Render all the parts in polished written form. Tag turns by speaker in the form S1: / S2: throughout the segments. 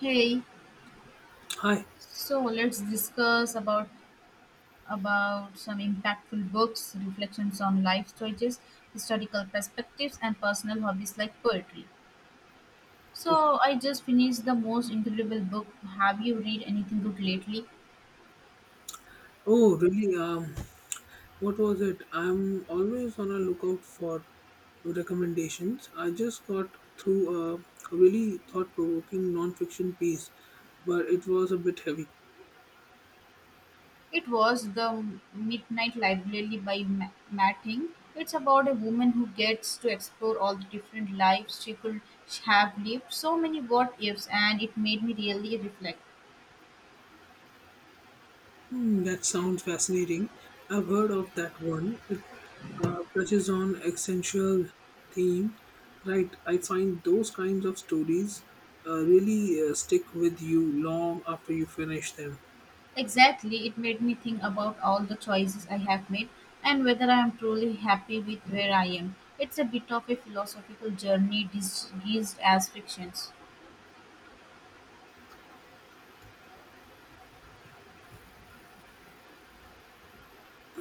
S1: Hey,
S2: Hi.
S1: so let's discuss about some impactful books, reflections on life choices, historical perspectives, and personal hobbies like poetry.
S2: Oh,
S1: So I just finished the most incredible book. Have you read anything good lately?
S2: oh, really? What was it? I'm always on a lookout for recommendations. I just got through a really thought-provoking non-fiction piece, but it was a bit heavy.
S1: It was the Midnight Library by Matting. It's about a woman who gets to explore all the different lives she could have lived. So many what ifs, and it made me really reflect.
S2: Hmm, that sounds fascinating. I've heard of that one. It touches on essential theme, right? I find those kinds of stories really stick with you long after you finish them.
S1: Exactly, it made me think about all the choices I have made and whether I am truly happy with where I am. It's a bit of a philosophical journey disguised as fictions.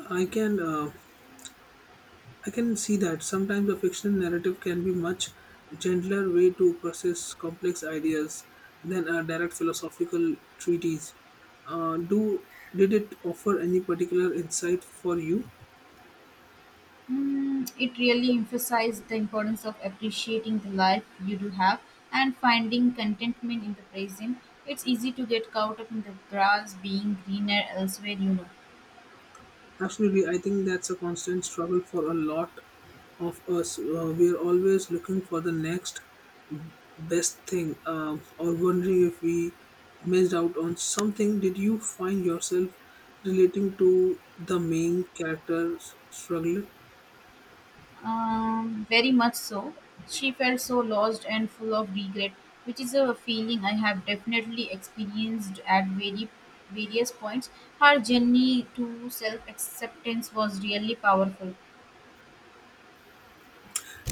S2: I can uh, I can see that sometimes a fictional narrative can be much gentler way to process complex ideas than a direct philosophical treatise. Do did it offer any particular insight for you?
S1: Mm, it really emphasized the importance of appreciating the life you do have and finding contentment in the present. It's easy to get caught up in the grass being greener elsewhere.
S2: Absolutely, I think that's a constant struggle for a lot of us. We are always looking for the next best thing, or wondering if we missed out on something. Did you find yourself relating to the main character's struggle?
S1: Very much so. She felt so lost and full of regret, which is a feeling I have definitely experienced at very various points. Her journey to self acceptance was really powerful.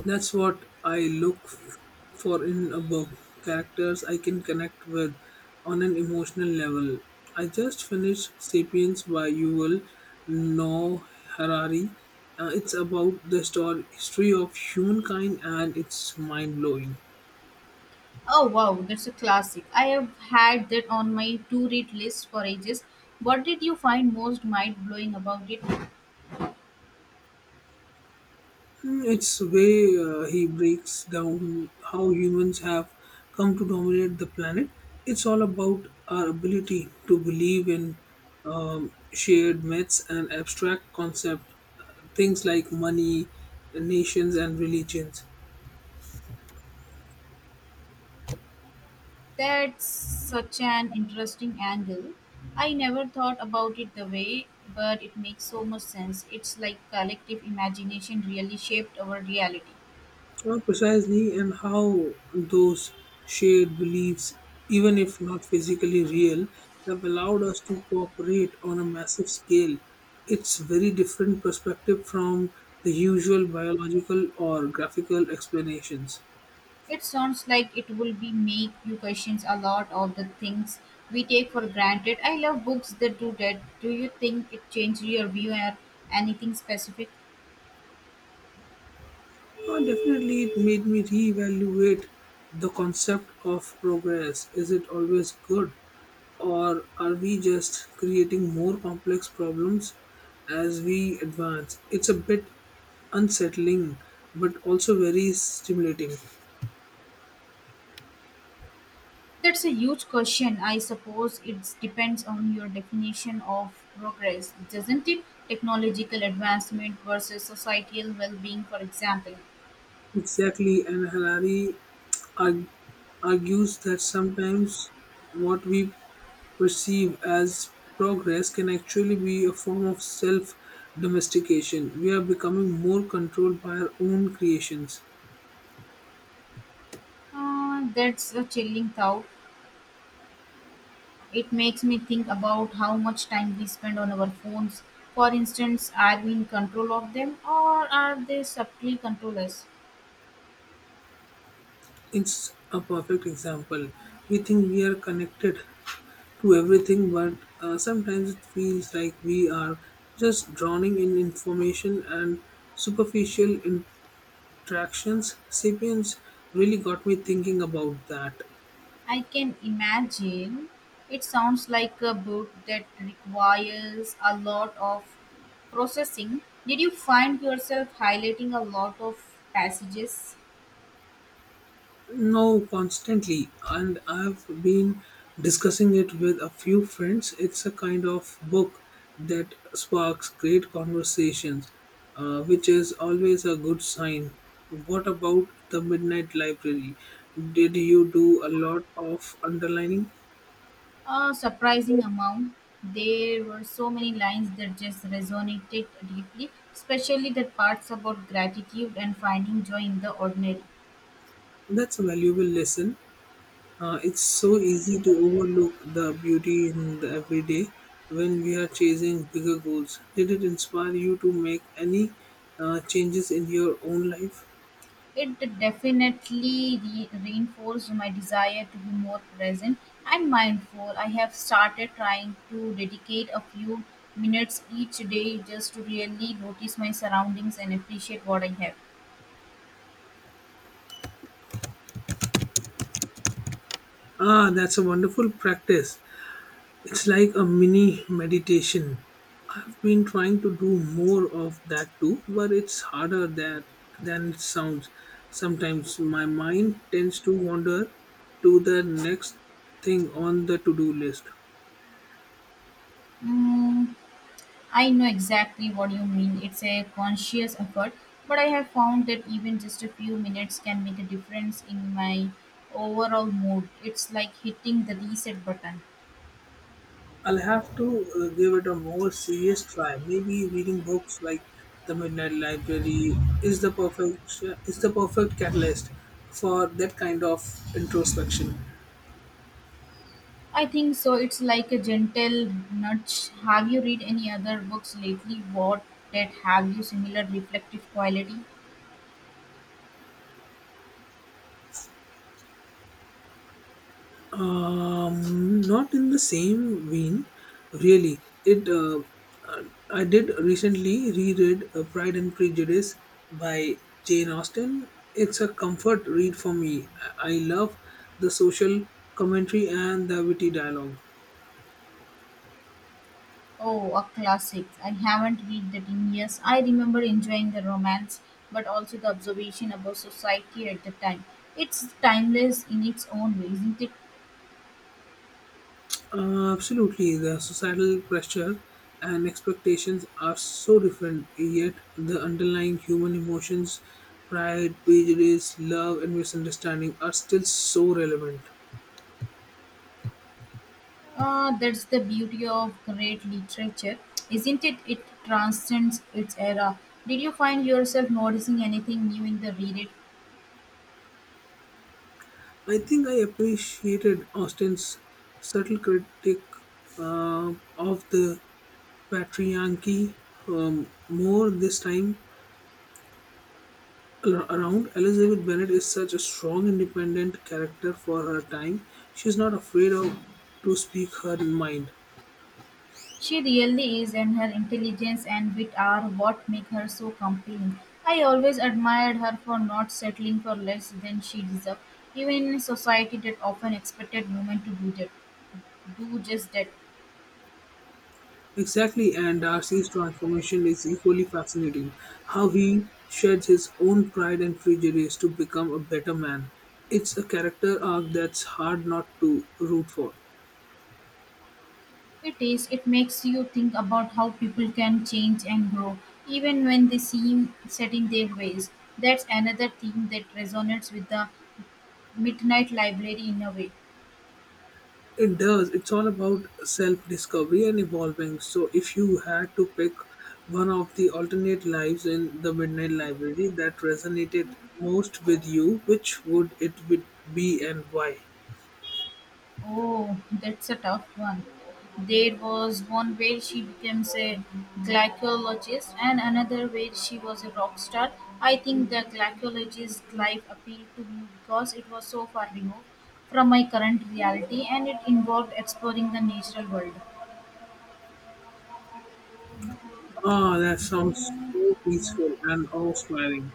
S2: That's what I for in a book. Characters I can connect with on an emotional level. I just finished Sapiens by Yuval Noah Harari. It's about the story, history of humankind and it's mind blowing.
S1: Oh wow, that's a classic. I have had that on my to read list for ages. What did you find most mind blowing about it?
S2: Hmm, it's way he breaks down how humans have come to dominate the planet. It's all about our ability to believe in shared myths and abstract concepts, things like money, nations, and religions.
S1: That's such an interesting angle. I never thought about it the way, but it makes so much sense. It's like collective imagination really shaped our reality.
S2: Well, precisely, and how those shared beliefs, even if not physically real, have allowed us to cooperate on a massive scale. It's very different perspective from the usual biological or graphical explanations.
S1: It sounds like it will be make you question a lot of the things we take for granted. I love books that do that. Do you think it changed your view or anything specific?
S2: Definitely, it made me reevaluate the concept of progress. Is it always good, or are we just creating more complex problems as we advance? It's a bit unsettling, but also very stimulating.
S1: That's a huge question. I suppose it depends on your definition of progress, doesn't it? Technological advancement versus societal well being, for example.
S2: Exactly, and Harari arg- argues that sometimes what we perceive as progress can actually be a form of self domestication. We are becoming more controlled by our own creations.
S1: That's a chilling thought. It makes me think about how much time we spend on our phones. For instance, are we in control of them or are they subtly control us?
S2: It's a perfect example. We think we are connected to everything, but sometimes it feels like we are just drowning in information and superficial Tractions, Sapiens really got me thinking about that
S1: I can imagine. It sounds like a book that requires a lot of processing. Did you find yourself highlighting a lot of passages?
S2: now constantly, and I've been discussing it with a few friends. It's a kind of book that sparks great conversations, which is always a good sign. What about the Midnight Library? Did you do a lot of underlining?
S1: A surprising amount. There were so many lines that just resonated deeply, especially the parts about gratitude and finding joy in the ordinary.
S2: That's a valuable lesson. It's so easy to overlook the beauty in the everyday when we are chasing bigger goals. Did it inspire you to make any changes in your own life?
S1: It definitely reinforced my desire to be more present and mindful. I have started trying to dedicate a few minutes each day just to really notice my surroundings and appreciate what I have.
S2: Ah, that's a wonderful practice. It's like a mini meditation. I've been trying to do more of that too, but it's harder that than it sounds. Sometimes my mind tends to wander to the next thing on the to-do list.
S1: Mm, I know exactly what you mean. It's a conscious effort, but I have found that even just a few minutes can make a difference in my overall mood. It's like hitting the reset button.
S2: I'll have to give it a more serious try. Maybe reading books like The Midnight Library is the perfect is the perfect catalyst for that kind of introspection.
S1: I think so. It's like a gentle nudge. Have you read any other books lately what that have you similar reflective quality?
S2: Not in the same vein, really. It uh, I did recently reread Pride and Prejudice by Jane Austen. It's a comfort read for me. I love the social commentary and the witty dialogue.
S1: Oh, a classic. I haven't read that in years. I remember enjoying the romance, but also the observation about society at the time. It's timeless in its own way, isn't it?
S2: Absolutely, the societal pressure and expectations are so different, yet the underlying human emotions, pride, prejudice, love, and misunderstanding are still so relevant.
S1: That's the beauty of great literature, isn't it? It transcends its era. Did you find yourself noticing anything new in the reread?
S2: I think I appreciated Austen's subtle critique of the patriarchy more this time around. Elizabeth Bennet is such a strong, independent character for her time. She's not afraid of to speak her mind.
S1: She really is, and her intelligence and wit are what make her so compelling. I always admired her for not settling for less than she deserved, even in a society that often expected women to do that. Do just that.
S2: Exactly, and Darcy's transformation is equally fascinating. How he sheds his own pride and prejudice to become a better man. It's a character arc that's hard not to root for.
S1: It is. It makes you think about how people can change and grow, even when they seem set in their ways. That's another theme that resonates with the Midnight Library in a way.
S2: It does. It's all about self discovery and evolving. So, if you had to pick one of the alternate lives in the Midnight Library that resonated most with you, which would it would be and why?
S1: Oh, that's a tough one. There was one where she became a glycologist and another where she was a rock star. I think the glycologist life appealed to me because it was so far removed from my current reality and it involved exploring the natural world.
S2: Ah, that sounds so peaceful and awe-inspiring.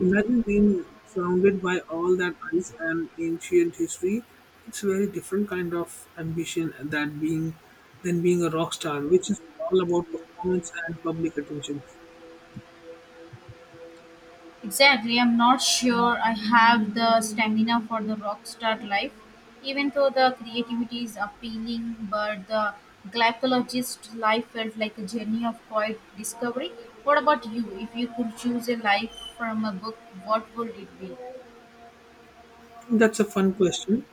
S2: Imagine being surrounded by all that ice and ancient history. It's a very different kind of ambition that being than being a rock star, which is all about performance and public attention.
S1: Exactly, I'm not sure I have the stamina for the rockstar life, even though the creativity is appealing, but the glycologist life felt like a journey of quiet discovery. What about you? If you could choose a life from a book, what would it be?
S2: That's a fun question.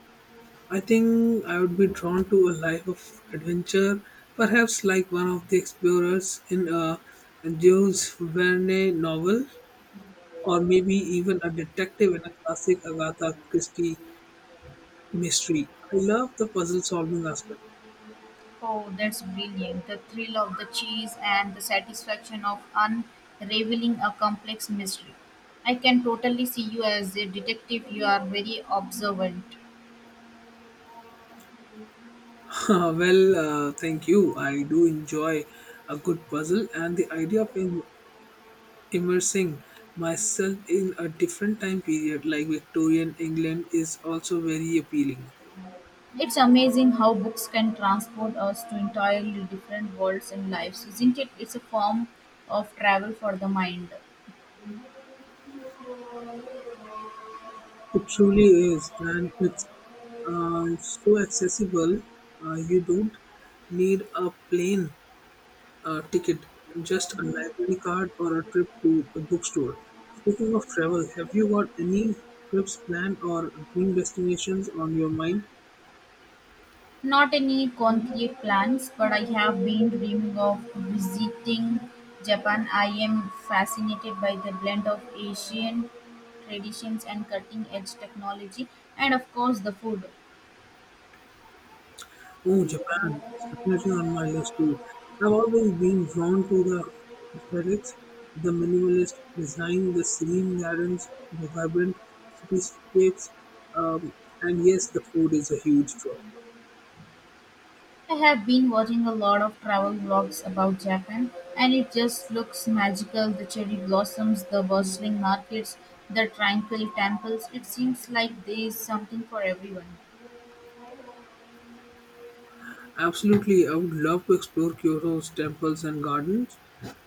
S2: I think I would be drawn to a life of adventure, perhaps like one of the explorers in a Jules Verne novel, or maybe even a detective in a classic Agatha Christie mystery. I love the puzzle solving aspect.
S1: Oh, that's brilliant. The thrill of the chase and the satisfaction of unraveling a complex mystery. I can totally see you as a detective. You are very observant.
S2: Well, thank you. I do enjoy a good puzzle, and the idea of immersing myself in a different time period like Victorian England is also very appealing.
S1: It's amazing how books can transport us to entirely different worlds and lives, isn't it? It's a form of travel for the mind.
S2: It truly is, and it's so accessible. You don't need a plane ticket, just a library card or a trip to a bookstore. Speaking of travel, have you got any trips planned or dream destinations on your mind?
S1: Not any concrete plans, but I have been dreaming of visiting Japan. I am fascinated by the blend of Asian traditions and cutting edge technology, and of course, the food.
S2: Oh, Japan, that's definitely on my list too. I've always been drawn to the aesthetics, the minimalist design, the serene gardens, the vibrant cityscapes, um, and yes, the food is a huge draw.
S1: I have been watching a lot of travel vlogs about Japan, and it just looks magical the cherry blossoms, the bustling markets, the tranquil temples. It seems like there is something for everyone.
S2: Absolutely, I would love to explore Kyoto's temples and gardens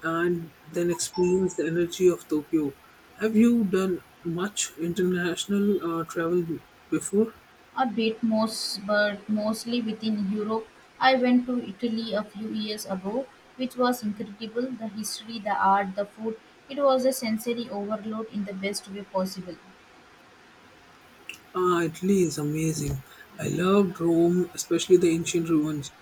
S2: and then experience the energy of Tokyo. Have you done much international travel before?
S1: A bit most, but mostly within Europe. I went to Italy a few years ago, which was incredible the history, the art, the food. It was a sensory overload in the best way possible.
S2: Ah, Italy is amazing. I loved Rome, especially the ancient ruins.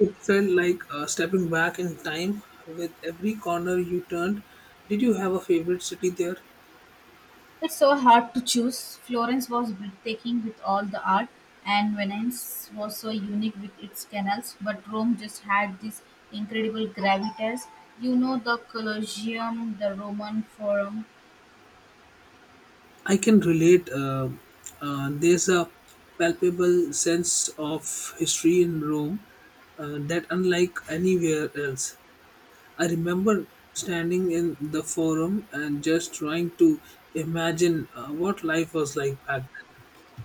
S2: It felt like stepping back in time with every corner you turned. Did you have a favorite city there?
S1: It's so hard to choose. Florence was breathtaking with all the art, and Venice was so unique with its canals. But Rome just had this incredible gravitas. You know, the Colosseum, the Roman Forum.
S2: I can relate. There's a palpable sense of history in Rome that, unlike anywhere else, I remember standing in the forum and just trying to imagine what life was like back then.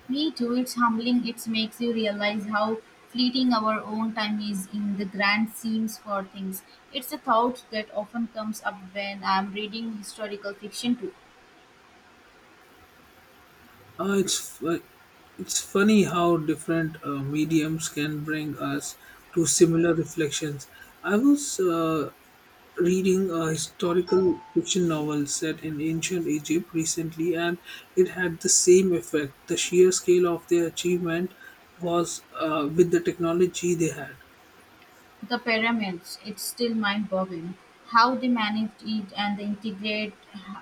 S1: Me too, it's humbling. It makes you realize how fleeting our own time is in the grand schemes for things. It's a thought that often comes up when I'm reading historical fiction too.
S2: Uh, it's fu- it's funny how different mediums can bring us to similar reflections. I was reading a historical fiction novel set in ancient Egypt recently, and it had the same effect. The sheer scale of their achievement was with the technology they had.
S1: The pyramids, it's still mind boggling how they managed it and they integrate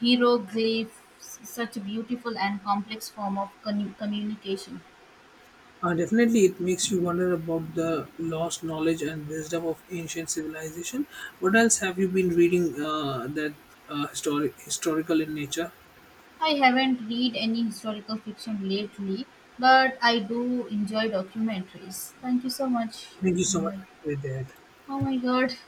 S1: hieroglyphs, such a beautiful and complex form of communication.
S2: Definitely, it makes you wonder about the lost knowledge and wisdom of ancient civilization. What else have you been reading uh, that historical in nature?
S1: I haven't read any historical fiction lately, but I do enjoy documentaries. Thank you so much.
S2: Thank you so much.
S1: Bye.
S2: Have a great day ahead.
S1: Oh my god.